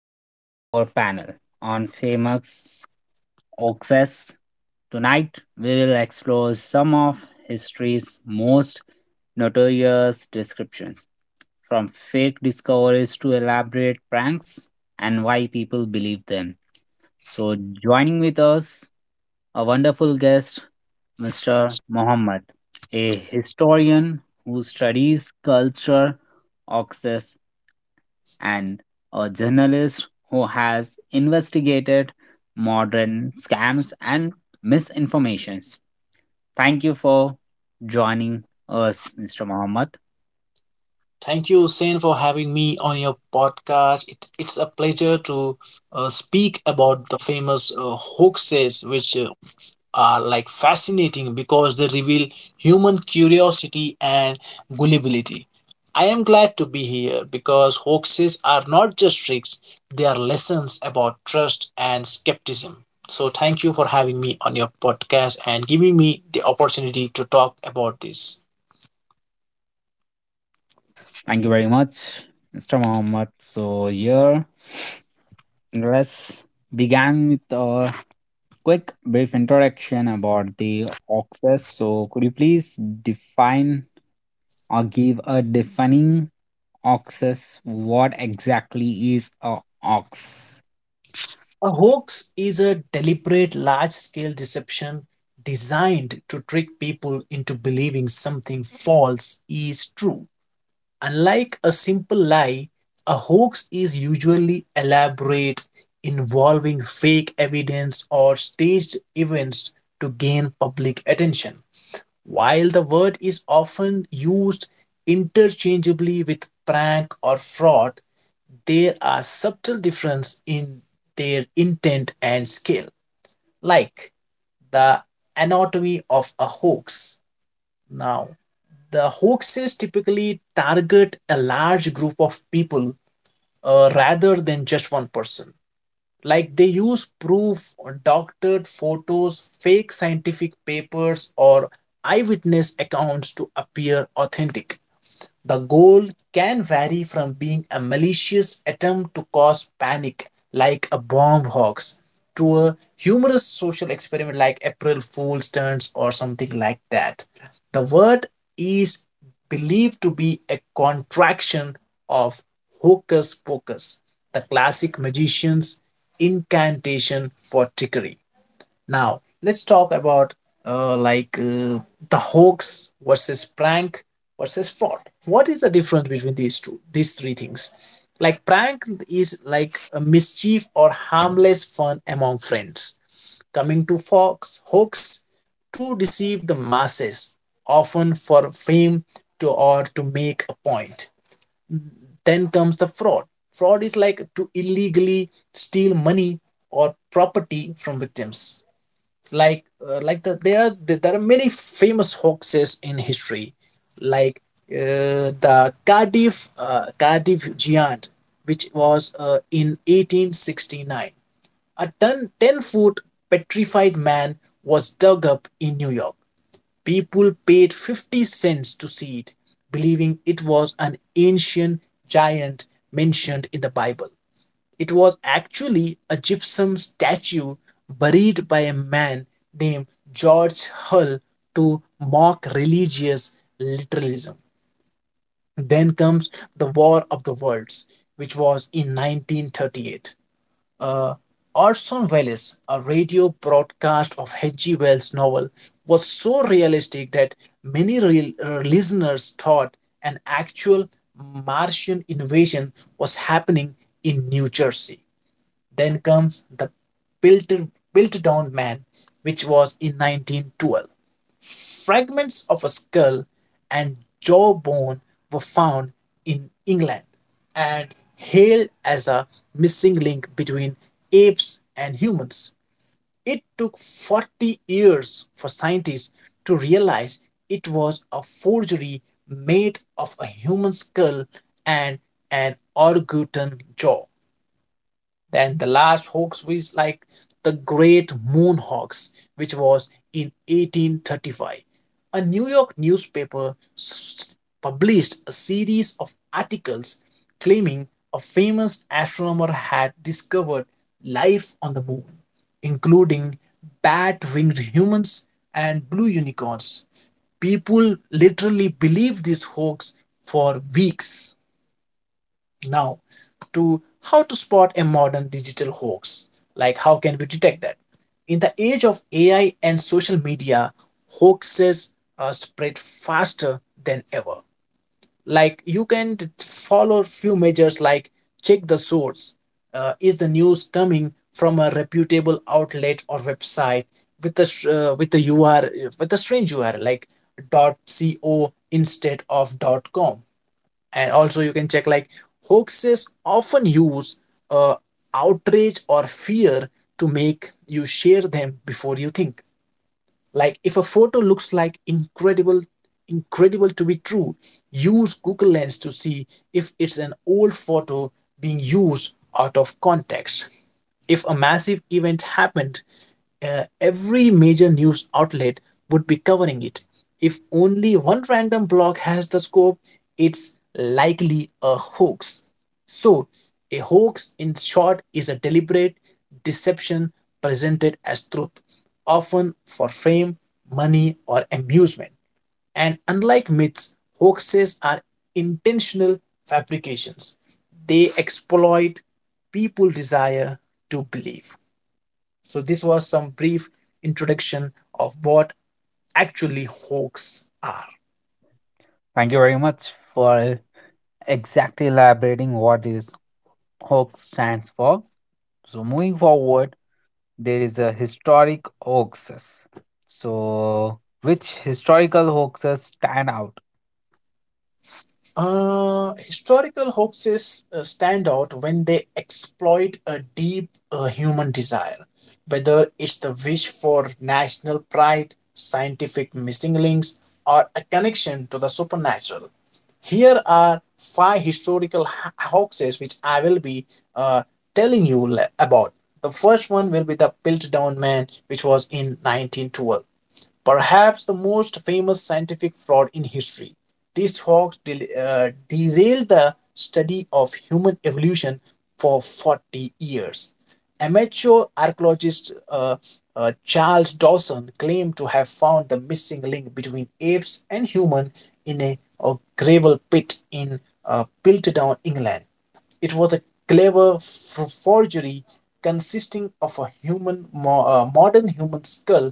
our panel on famous hoaxes. Tonight, we will explore some of history's most notorious descriptions, from fake discoveries to elaborate pranks, and why people believe them. So, joining with us, a wonderful guest, Mr. Mohammed, a historian who studies culture, hoaxes, and a journalist who has investigated modern scams and misinformations. Thank you for joining us, Mr. Mohammed. Thank you, Sen, for having me on your podcast. It's a pleasure to speak about the famous hoaxes, which are like fascinating because they reveal human curiosity and gullibility. I am glad to be here because hoaxes are not just tricks, they are lessons about trust and skepticism. So, thank you for having me on your podcast and giving me the opportunity to talk about this. Thank you very much, Mr. Mohammed. So, here, let's begin with our quick brief introduction about the access. So, could you please define or give a defining access? What exactly is a ox? A hoax is a deliberate large scale deception designed to trick people into believing something false is true. Unlike a simple lie, a hoax is usually elaborate, involving fake evidence or staged events to gain public attention. While the word is often used interchangeably with prank or fraud, there are subtle differences in their intent and scale, like the anatomy of a hoax. Now, the hoaxes typically target a large group of people rather than just one person. Like they use proof, doctored photos, fake scientific papers, or eyewitness accounts to appear authentic. The goal can vary from being a malicious attempt to cause panic, like a bomb hoax, to a humorous social experiment like April Fool's stunts or something like that. The word is believed to be a contraction of hocus pocus, the classic magician's incantation for trickery. Now let's talk about uh, like uh, the hoax versus prank versus fraud. What is the difference between these three things? Like prank is like a mischief or harmless fun among friends. Coming to fox hoax to deceive the masses, often for fame to or to make a point. Then comes the fraud. Fraud is like to illegally steal money or property from victims like there are many famous hoaxes in history like the Cardiff Giant, which was in 1869. A 10 foot petrified man was dug up in New York. People paid 50¢ to see it, believing it was an ancient giant mentioned in the Bible. It was actually a gypsum statue buried by a man named George Hull to mock religious literalism. Then comes The War of the Worlds, which was in 1938. Uh, Orson Welles, a radio broadcast of H.G. Wells' novel, was so realistic that many listeners thought an actual Martian invasion was happening in New Jersey. Then comes the built, built down man, which was in 1912. Fragments of a skull and jawbone were found in England and hailed as a missing link between apes and humans. It took 40 years for scientists to realize it was a forgery made of a human skull and an orangutan jaw. Then the last hoax was like the Great Moon Hoax, which was in 1835. A New York newspaper published a series of articles claiming a famous astronomer had discovered life on the moon, including bat winged humans and blue unicorns. People literally believed this hoax for weeks. Now, to how to spot a modern digital hoax. Like, how can we detect that? In the age of AI and social media, hoaxes spread faster than ever. Like, you can follow few measures like check the source. Is the news coming from a reputable outlet or website with the URL, with a strange URL like .co instead of .com? And also you can check like hoaxes often use uh, outrage or fear to make you share them before you think. Like if a photo looks like incredible to be true, use Google Lens to see if it's an old photo being used out of context. If a massive event happened, every major news outlet would be covering it. If only one random blog has the scoop, it's likely a hoax. So, a hoax, in short, is a deliberate deception presented as truth, often for fame, money, or amusement. And unlike myths, hoaxes are intentional fabrications, they exploit people's desire to believe. So, this was some brief introduction of what actually hoax are. Thank you very much for exactly elaborating what this hoax stands for. So moving forward, there is a historic hoaxes. So which historical hoaxes stand out? Historical hoaxes stand out when they exploit a deep human desire, whether it's the wish for national pride, scientific missing links, or a connection to the supernatural. Here are five historical hoaxes which I will be uh, telling you about. The first one will be the Piltdown Man, which was in 1912, perhaps the most famous scientific fraud in history. This hoax derailed the study of human evolution for 40 years. Amateur archaeologist Charles Dawson claimed to have found the missing link between apes and humans in a gravel pit in Piltdown, England. It was a clever forgery consisting of a modern human skull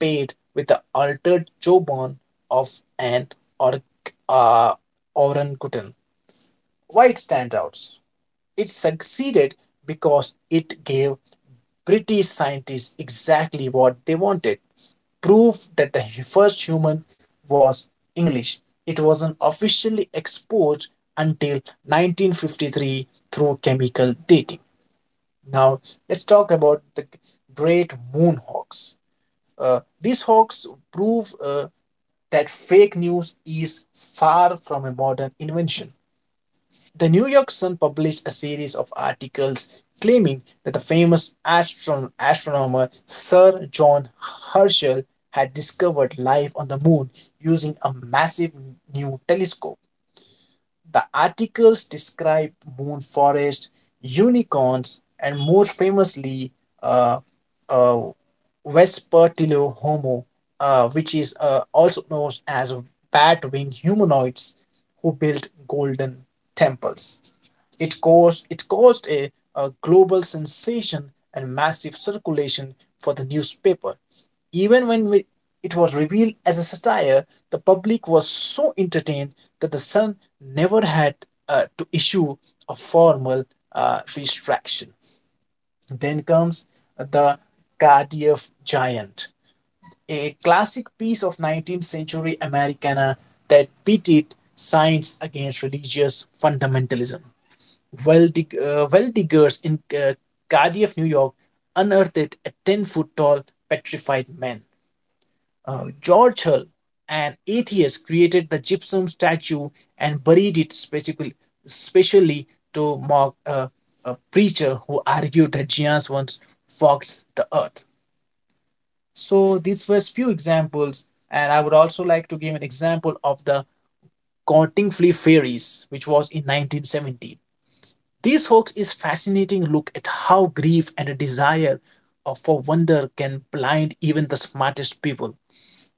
paid with the altered jawbone of an or- uh, orangutan. Why it stands out? It succeeded because it gave British scientists exactly what they wanted, proof that the first human was English. It wasn't officially exposed until 1953 through chemical dating. Now, let's talk about the great moonhawks. These hawks prove that fake news is far from a modern invention. The New York Sun published a series of articles claiming that the famous astronomer Sir John Herschel had discovered life on the moon using a massive new telescope. The articles describe moon forest, unicorns, and most famously, uh, uh, Vespertilio homo, which is also known as bat winged humanoids who built golden temples. It caused a global sensation and massive circulation for the newspaper. Even it was revealed as a satire, the public was so entertained that the Sun never had to issue a formal retraction. Then comes the Cardiff Giant, a classic piece of 19th century Americana that pitted science against religious fundamentalism. Well, well diggers in Cardiff, New York, unearthed a 10-foot tall petrified man. George Hull, an atheist, created the gypsum statue and buried it specially to mock a preacher who argued that giants once fogged the earth. So these were few examples, and I would also like to give an example of the Cottingley Fairies, which was in 1917. These hoax is fascinating look at how grief and a desire for wonder can blind even the smartest people.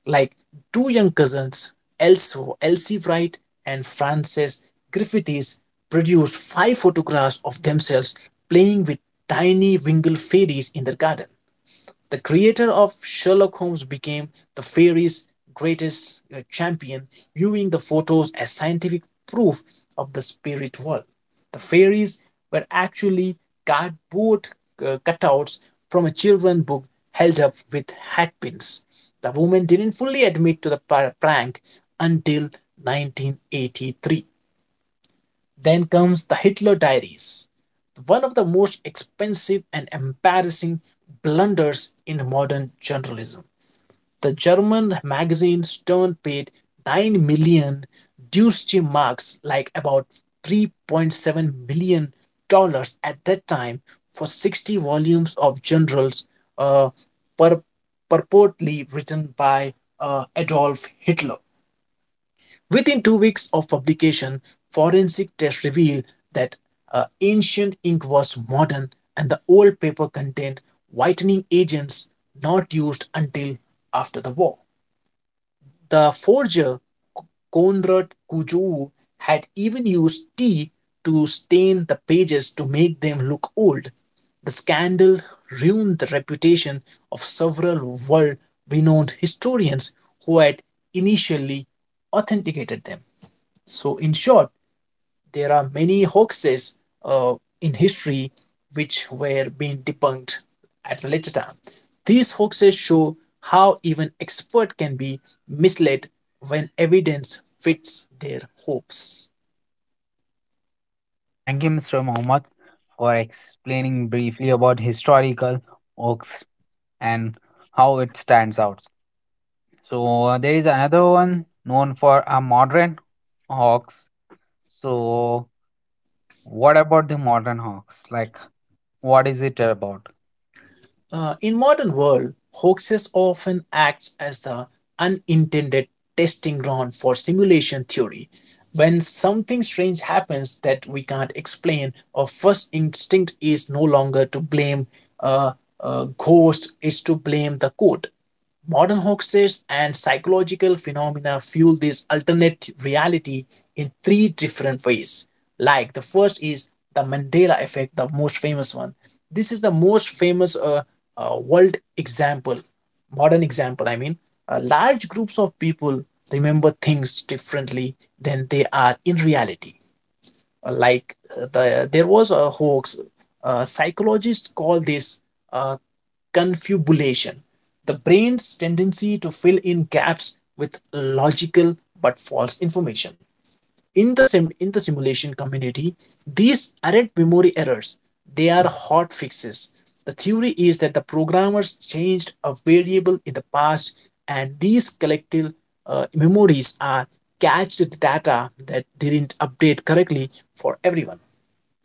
Like two young cousins, Elsie Wright and Frances Griffiths, produced five photographs of themselves playing with tiny winged fairies in their garden. The creator of Sherlock Holmes became the fairy's greatest champion, viewing the photos as scientific proof of the spirit world. The fairies were actually cardboard cutouts from a children's book held up with hat pins. The woman didn't fully admit to the prank until 1983. Then comes The Hitler Diaries, one of the most expensive and embarrassing blunders in modern journalism. The German magazine Stern paid 9 million Deutsche Marks, like about 3.7 million dollars at that time, for 60 volumes of journals uh, pur- purportedly written by Adolf Hitler. Within 2 weeks of publication, forensic tests revealed that ancient ink was modern and the old paper contained whitening agents not used until after the war. The forger Konrad Kujou had even used tea to stain the pages to make them look old. The scandal ruined the reputation of several world renowned historians who had initially authenticated them. So, in short, there are many hoaxes in history which were being debunked at a later time. These hoaxes show how even expert can be misled when evidence fits their hopes. Thank you, Mr. Mohammed, for explaining briefly about historical hoax and how it stands out. So there is another one known for a modern hoax. So what about the modern hoax? Like what is it about? In modern world, hoaxes often acts as the unintended testing ground for simulation theory. When something strange happens that we can't explain, our first instinct is no longer to blame a, a ghost, is to blame the code. Modern hoaxes and psychological phenomena fuel this alternate reality in three different ways. Like the first is the Mandela effect, the most famous one. This is the most famous world example, modern example, I mean. Large groups of people remember things differently than they are in reality. Like there was a hoax. Psychologists call this uh, confabulation, the brain's tendency to fill in gaps with logical but false information. In the simulation community these aren't memory errors, they are hot fixes. The theory is that the programmers changed a variable in the past and these collective memories are cached the data that didn't update correctly for everyone.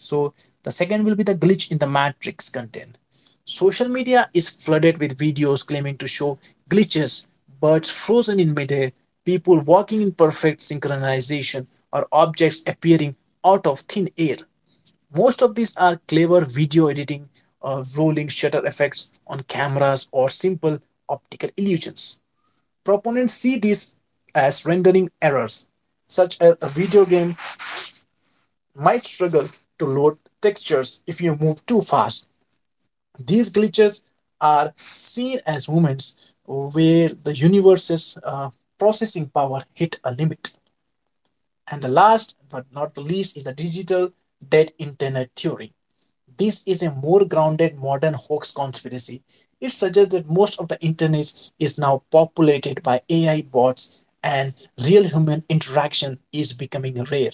So, the second will be the glitch in the matrix content. Social media is flooded with videos claiming to show glitches, birds frozen in midair, people walking in perfect synchronization, or objects appearing out of thin air. Most of these are clever video editing, rolling shutter effects on cameras, or simple optical illusions. Proponents see these as rendering errors, such as a video game might struggle to load textures if you move too fast. These glitches are seen as moments where the universe's processing power hit a limit. And the last but not the least is the digital dead internet theory. This is a more grounded modern hoax conspiracy. It suggests that most of the internet is now populated by AI bots and real human interaction is becoming rare.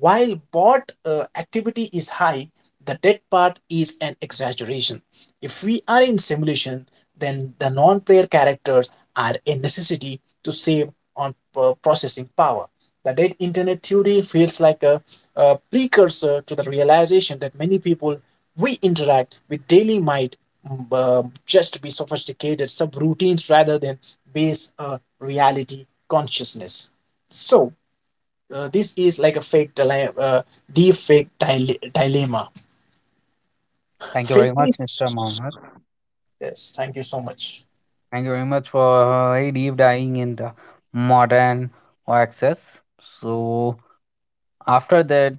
While bot activity is high, the dead part is an exaggeration. If we are in simulation, then the non player characters are a necessity to save on processing power. The dead internet theory feels like a precursor to the realization that many people we interact with daily might just be sophisticated subroutines rather than base reality consciousness. So, this is like a fake dilemma, dilemma. Thank you very Fake much, Mr. is Mohammed. yes. Thank you so much. Thank you very much for very deep diving in the modern access. So after that,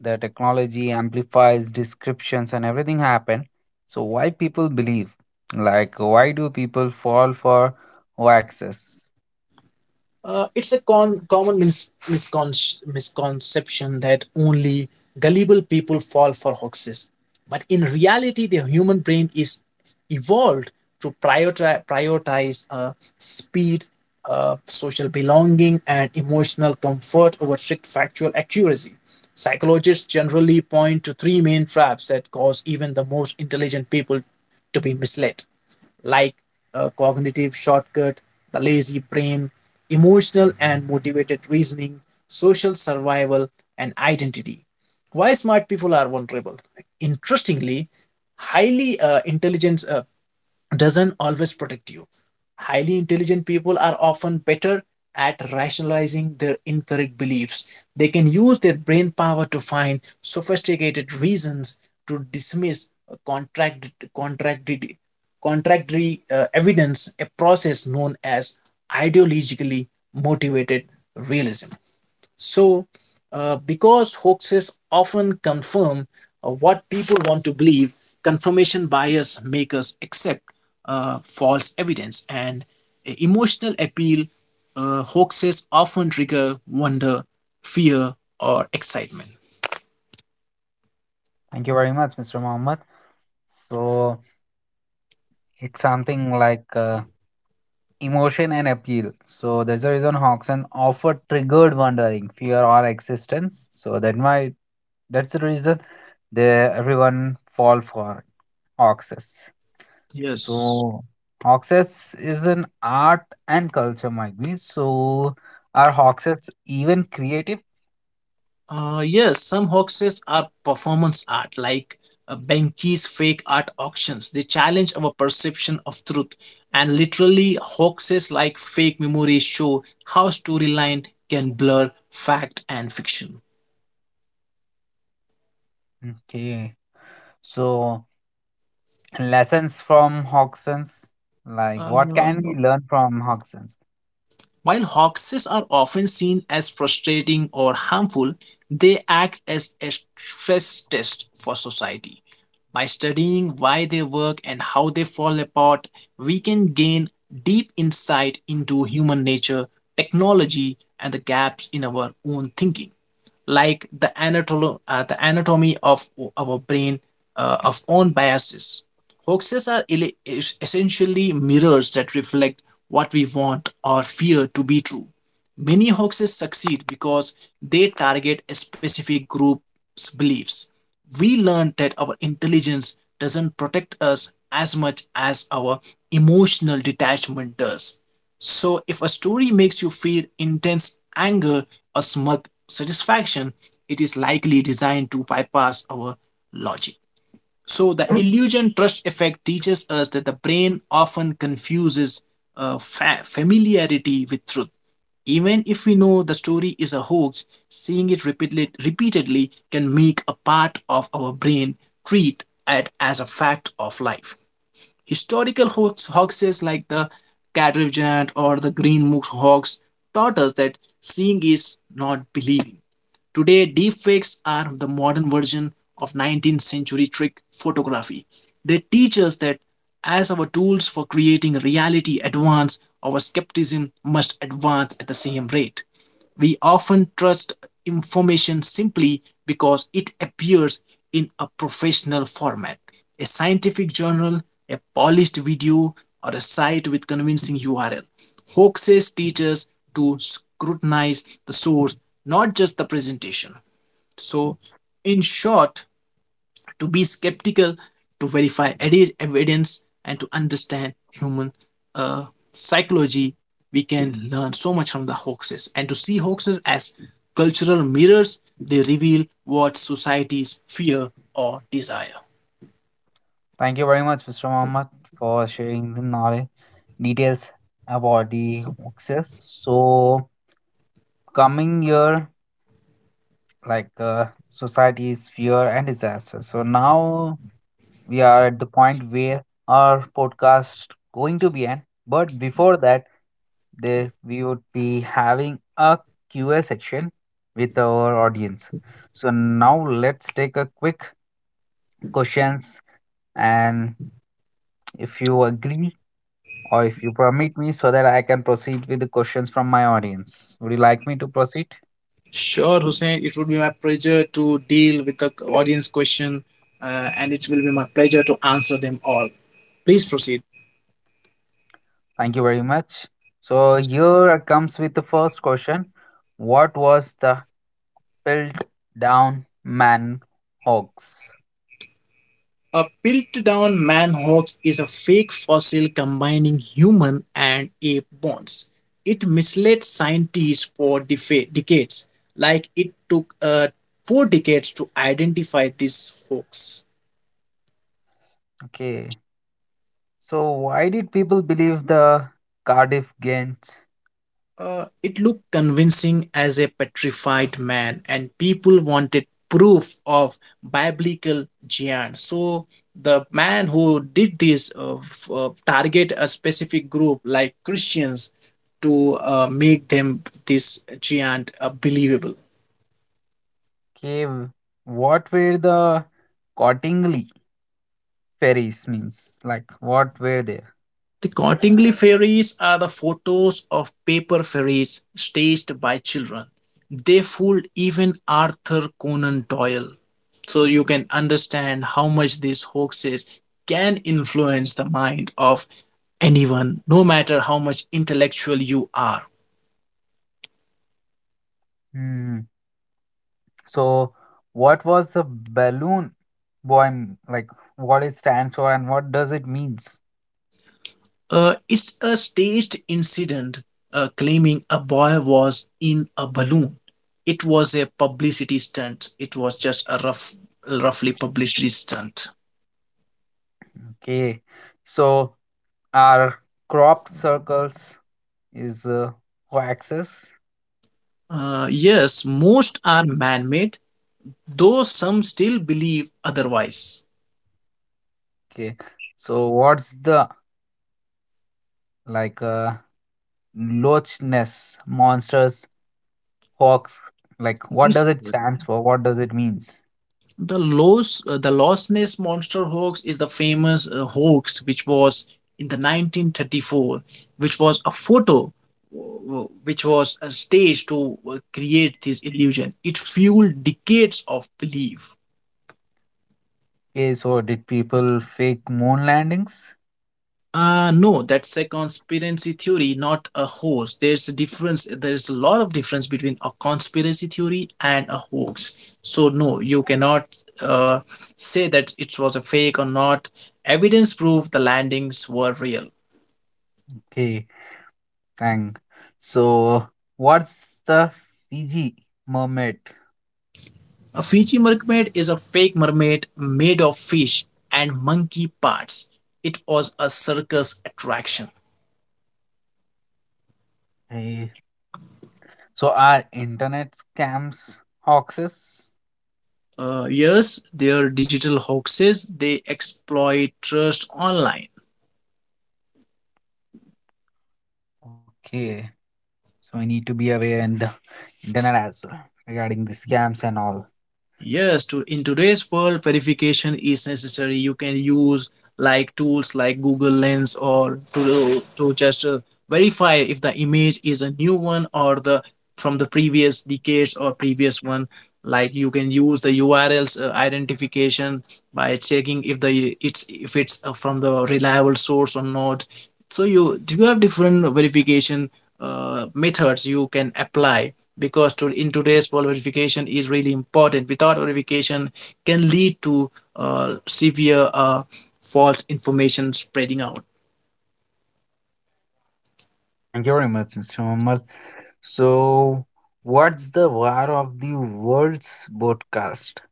the technology amplifies descriptions and everything happen. So why people believe? Like why do people fall for access? It's a common misconception that only gullible people fall for hoaxes. But in reality, the human brain is evolved to prioritize speed, social belonging, and emotional comfort over strict factual accuracy. Psychologists generally point to three main traps that cause even the most intelligent people to be misled like a cognitive shortcut, the lazy brain, emotional and motivated reasoning, social survival, and identity. Why smart people are vulnerable? Interestingly, highly intelligent doesn't always protect you. Highly intelligent people are often better at rationalizing their incorrect beliefs. They can use their brain power to find sophisticated reasons to dismiss contract, contracted, contradictory evidence, a process known as ideologically motivated realism. So, because hoaxes often confirm what people want to believe, confirmation bias make us accept false evidence and emotional appeal. Hoaxes often trigger wonder, fear, or excitement. Thank you very much, Mr. Mohammed. So it's something like emotion and appeal. So there's a reason Hawkson offer triggered wondering, fear or existence. So that might that's the reason they everyone fall for Hawkses. Yes. So Hawkses is an art and culture might be. So are Hawkses even creative? Yes, some hoaxes are performance art, like Benki's fake art auctions. They challenge our perception of truth, and literally, hoaxes like fake memories show how storyline can blur fact and fiction. Okay. So lessons from Hawksons. Like Uh, what can we learn from Hawkson? While hoaxes are often seen as frustrating or harmful, they act as a stress test for society. By studying why they work and how they fall apart, we can gain deep insight into human nature, technology, and the gaps in our own thinking like the anatomy of our brain of own biases. Hoaxes are essentially mirrors that reflect what we want or fear to be true. Many hoaxes succeed because they target a specific group's beliefs. We learn that our intelligence doesn't protect us as much as our emotional detachment does. So, if a story makes you feel intense anger or smug satisfaction, it is likely designed to bypass our logic. So, the illusion trust effect teaches us that the brain often confuses familiarity with truth. Even if we know the story is a hoax, seeing it repeatedly can make a part of our brain treat it as a fact of life. Historical hoaxes like the Cat Revenant or the Green Mook hoax taught us that seeing is not believing. Today, deepfakes are the modern version of 19th century trick photography. They teach us that as our tools for creating reality advance, our skepticism must advance at the same rate. We often trust information simply because it appears in a professional format. A scientific journal, a polished video, or a site with convincing URL. Hoxha's teachers to scrutinize the source, not just the presentation. So, in short, to be skeptical, to verify evidence, and to understand human uh, psychology, we can learn so much from the hoaxes. And to see hoaxes as cultural mirrors, they reveal what societies fear or desire. Thank you very much, Mr. Mohammed, for sharing the knowledge details about the hoaxes. So, coming year, like society's fear and disaster. So now we are at the point where our podcast going to be end. But before that, there we would be having a Q A section with our audience. So now let's take a quick questions, and if you agree or if you permit me, so that I can proceed with the questions from my audience. Would you like me to proceed? Sure, Hussein, it would be my pleasure to deal with the audience question, and it will be my pleasure to answer them all. Please proceed. Thank you very much. So here comes with the first question. What was the built down man hoax? A built-down man-hoax is a fake fossil combining human and ape bones. It misled scientists for decades, like it took four decades to identify this hoax. Okay. So why did people believe the Cardiff Ghent It looked convincing as a petrified man, and people wanted proof of biblical giants. So the man who did this target a specific group like Christians to make them this giant believable. cave? What were the Cottingley ferries means? Like what were there? The Cottingley fairies are the photos of paper fairies staged by children. They fooled even Arthur Conan Doyle. So you can understand how much these hoaxes can influence the mind of anyone, no matter how much intellectual you are. Hmm. So, what was the balloon boy like? What it stands for and what does it means? It's a staged incident claiming a boy was in a balloon. It was a publicity stunt. It was just roughly publicity stunt. Okay, so our crop circles is axis. Yes, most are man made, though some still believe otherwise. Okay, so what's the like uh, Loch Ness monsters hoax? Like, what This does it Mhm. stand for? What does it means? The Lost Ness monster hoax is the famous hoax which was in the 1934, which was a photo which was a stage to create this illusion. It fueled decades of belief. Okay, so did people fake moon landings? No, that's a conspiracy theory, not a hoax. There's a difference. There's a lot of difference between a conspiracy theory and a hoax. So no, you cannot uh, say that it was a fake or not. Evidence proved the landings were real. Okay, thank. So, what's the Fiji mermaid? A Fiji mermaid is a fake mermaid made of fish and monkey parts. It was a circus attraction. Hey, so are internet scams hoaxes? Yes, they are digital hoaxes. They exploit trust online. Okay, so we need to be aware in the internet as well regarding the scams and all. Yes, to in today's world, verification is necessary. You can use like tools like Google Lens or to just verify if the image is a new one or the from the previous decades or previous one. Like you can use the URLs identification by checking if the it's if it's from the reliable source or not. So you do you have different verification methods you can apply because to, in today's world verification is really important. Without verification can lead to severe false information spreading out. Thank you very much, Mr. Mohammed. So, what's the war of the world's broadcast?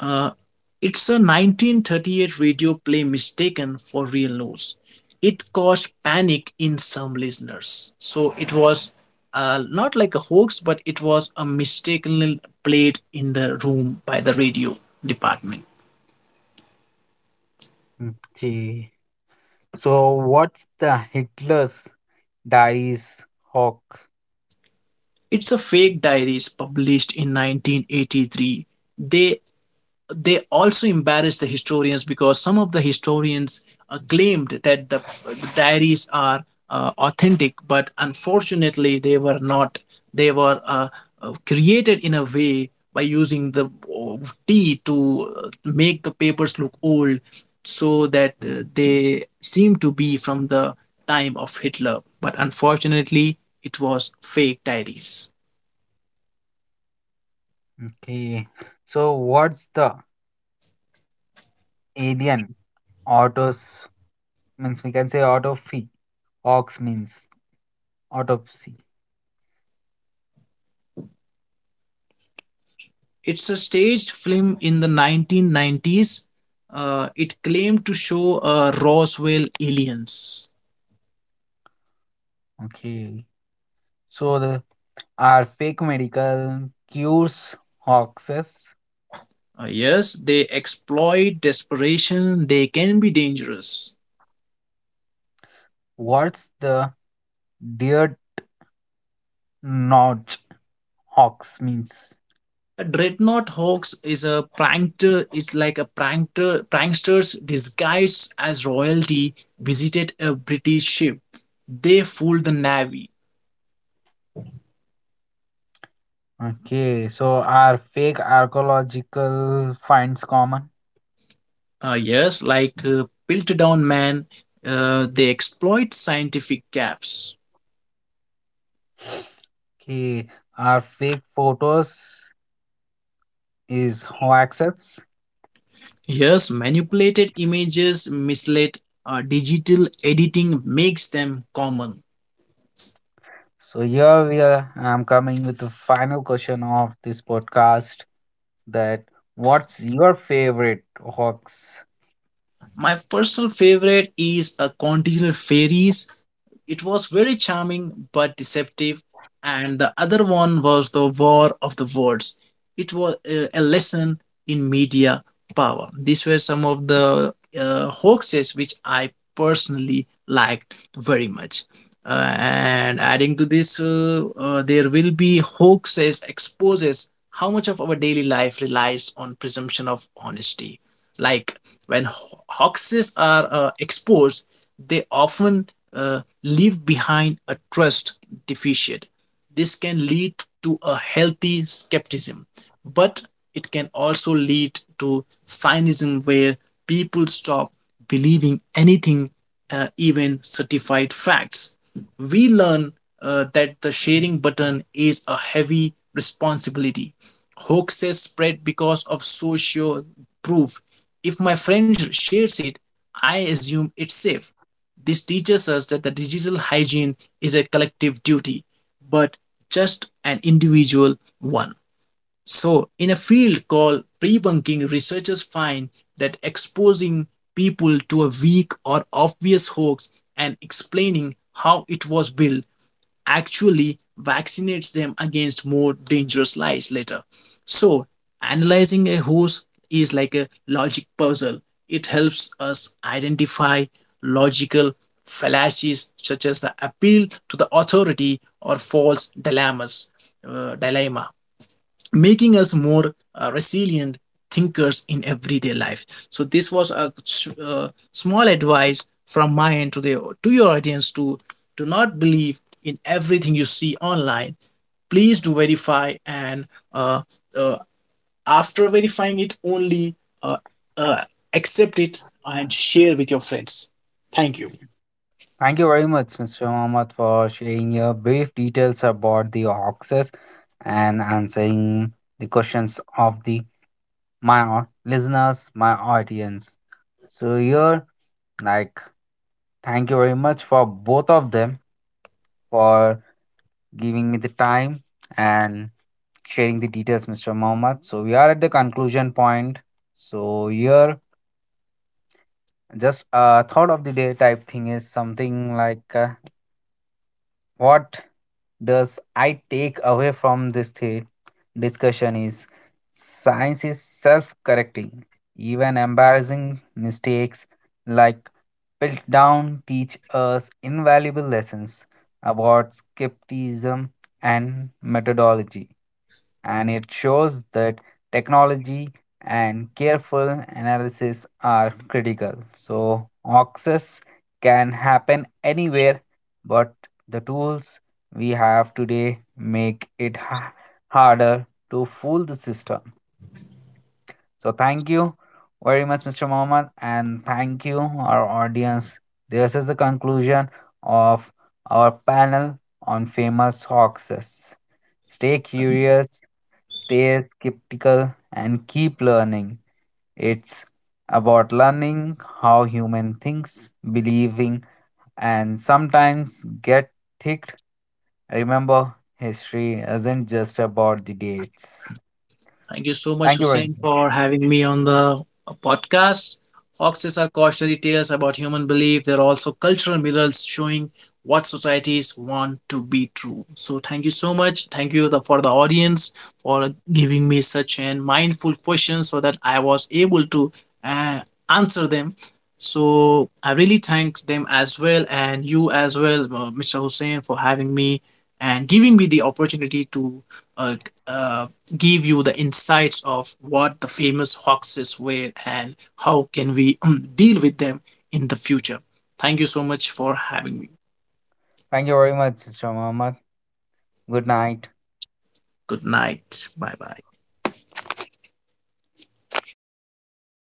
uh, it's a 1938 radio play mistaken for real news. It caused panic in some listeners so it was not like a hoax, but it was a mistakenly played in the room by the radio department. Okay, so what's the Hitler's diaries hawk? It's a fake diaries published in 1983. They they also embarrassed the historians because some of the historians claimed that the diaries are authentic, but unfortunately they were not. They were created in a way by using the tea to make the papers look old, so that they seem to be from the time of Hitler. But unfortunately, it was fake diaries. Okay, so what's the alien autos means we can say auto fee hawks means autopsy. It's a staged film in the 1990s. It claimed to show Roswell aliens. Okay. So the are fake medical cures hoaxes? Yes, they exploit desperation, they can be dangerous. What's the dear notch hoax means? A dreadnought hoax is a prankster, it's like a prankster, pranksters disguised as royalty visited a British ship. They fooled the navy. Okay. So are fake archaeological finds common? Yes, like Piltdown Man, they exploit scientific gaps. Okay. Are fake photos is hoaxes? Yes, manipulated images, misled digital editing makes them common. So here we are. I'm coming with the final question of this podcast. That what's your favorite hoax? My personal favorite is a continental fairies. It was very charming but deceptive, and the other one was the War of the Words. It was a lesson in media power. These were some of the hoaxes which I personally liked very much. And adding to this, there will be hoaxes exposes how much of our daily life relies on presumption of honesty. Like when hoaxes are exposed, they often leave behind a trust deficit. This can lead to a healthy skepticism, but it can also lead to cynicism where people stop believing anything, even certified facts. We learn that the sharing button is a heavy responsibility. Hoaxes spread because of social proof. If my friend shares it, I assume it's safe. This teaches us that the digital hygiene is a collective duty but just an individual one. So, in a field called debunking, researchers find that exposing people to a weak or obvious hoax and explaining how it was built actually vaccinates them against more dangerous lies later. So, analyzing a hoax is like a logic puzzle. It helps us identify logical fallacies such as the appeal to the authority or false dilemmas, dilemma, making us more resilient thinkers in everyday life. So this was a small advice from my end to the to your audience to do not believe in everything you see online. Please do verify and uh, uh, after verifying it only uh, uh, accept it and share with your friends. Thank you. Thank you very much, Mr. Mohammed, for sharing your brief details about the oxes and answering the questions of the listeners, my audience. So here, like, thank you very much for both of them for giving me the time and sharing the details, Mr. Mohammed. So we are at the conclusion point. So here, just a thought of the day type thing is something like. What does I take away from this discussion is science is self correcting. Even embarrassing mistakes like down teach us invaluable lessons about skepticism and methodology, and it shows that technology and careful analysis are critical. So, access can happen anywhere, but the tools we have today make it harder to fool the system. So, thank you very much, Mr. Mohammed, and thank you, our audience. This is the conclusion of our panel on famous hoaxes. Stay curious. Stay skeptical and keep learning. It's about learning how human thinks, believing, and sometimes get thick. Remember, history isn't just about the dates. Thank you so much, Thank you very, Hussein, for having me on the podcast. Foxes are cautionary tales about human belief. They're also cultural mirrors showing what societies want to be true. So, thank you so much. Thank you for the audience for giving me such an mindful question so that I was able to uh, answer them. So, I really thank them as well, and you as well, Mr. Hussein, for having me and giving me the opportunity to uh, uh, give you the insights of what the famous hoaxes were and how can we deal with them in the future. Thank you so much for having me. Thank you very much, Mr. Muhammad. Good night. Good night. Bye bye.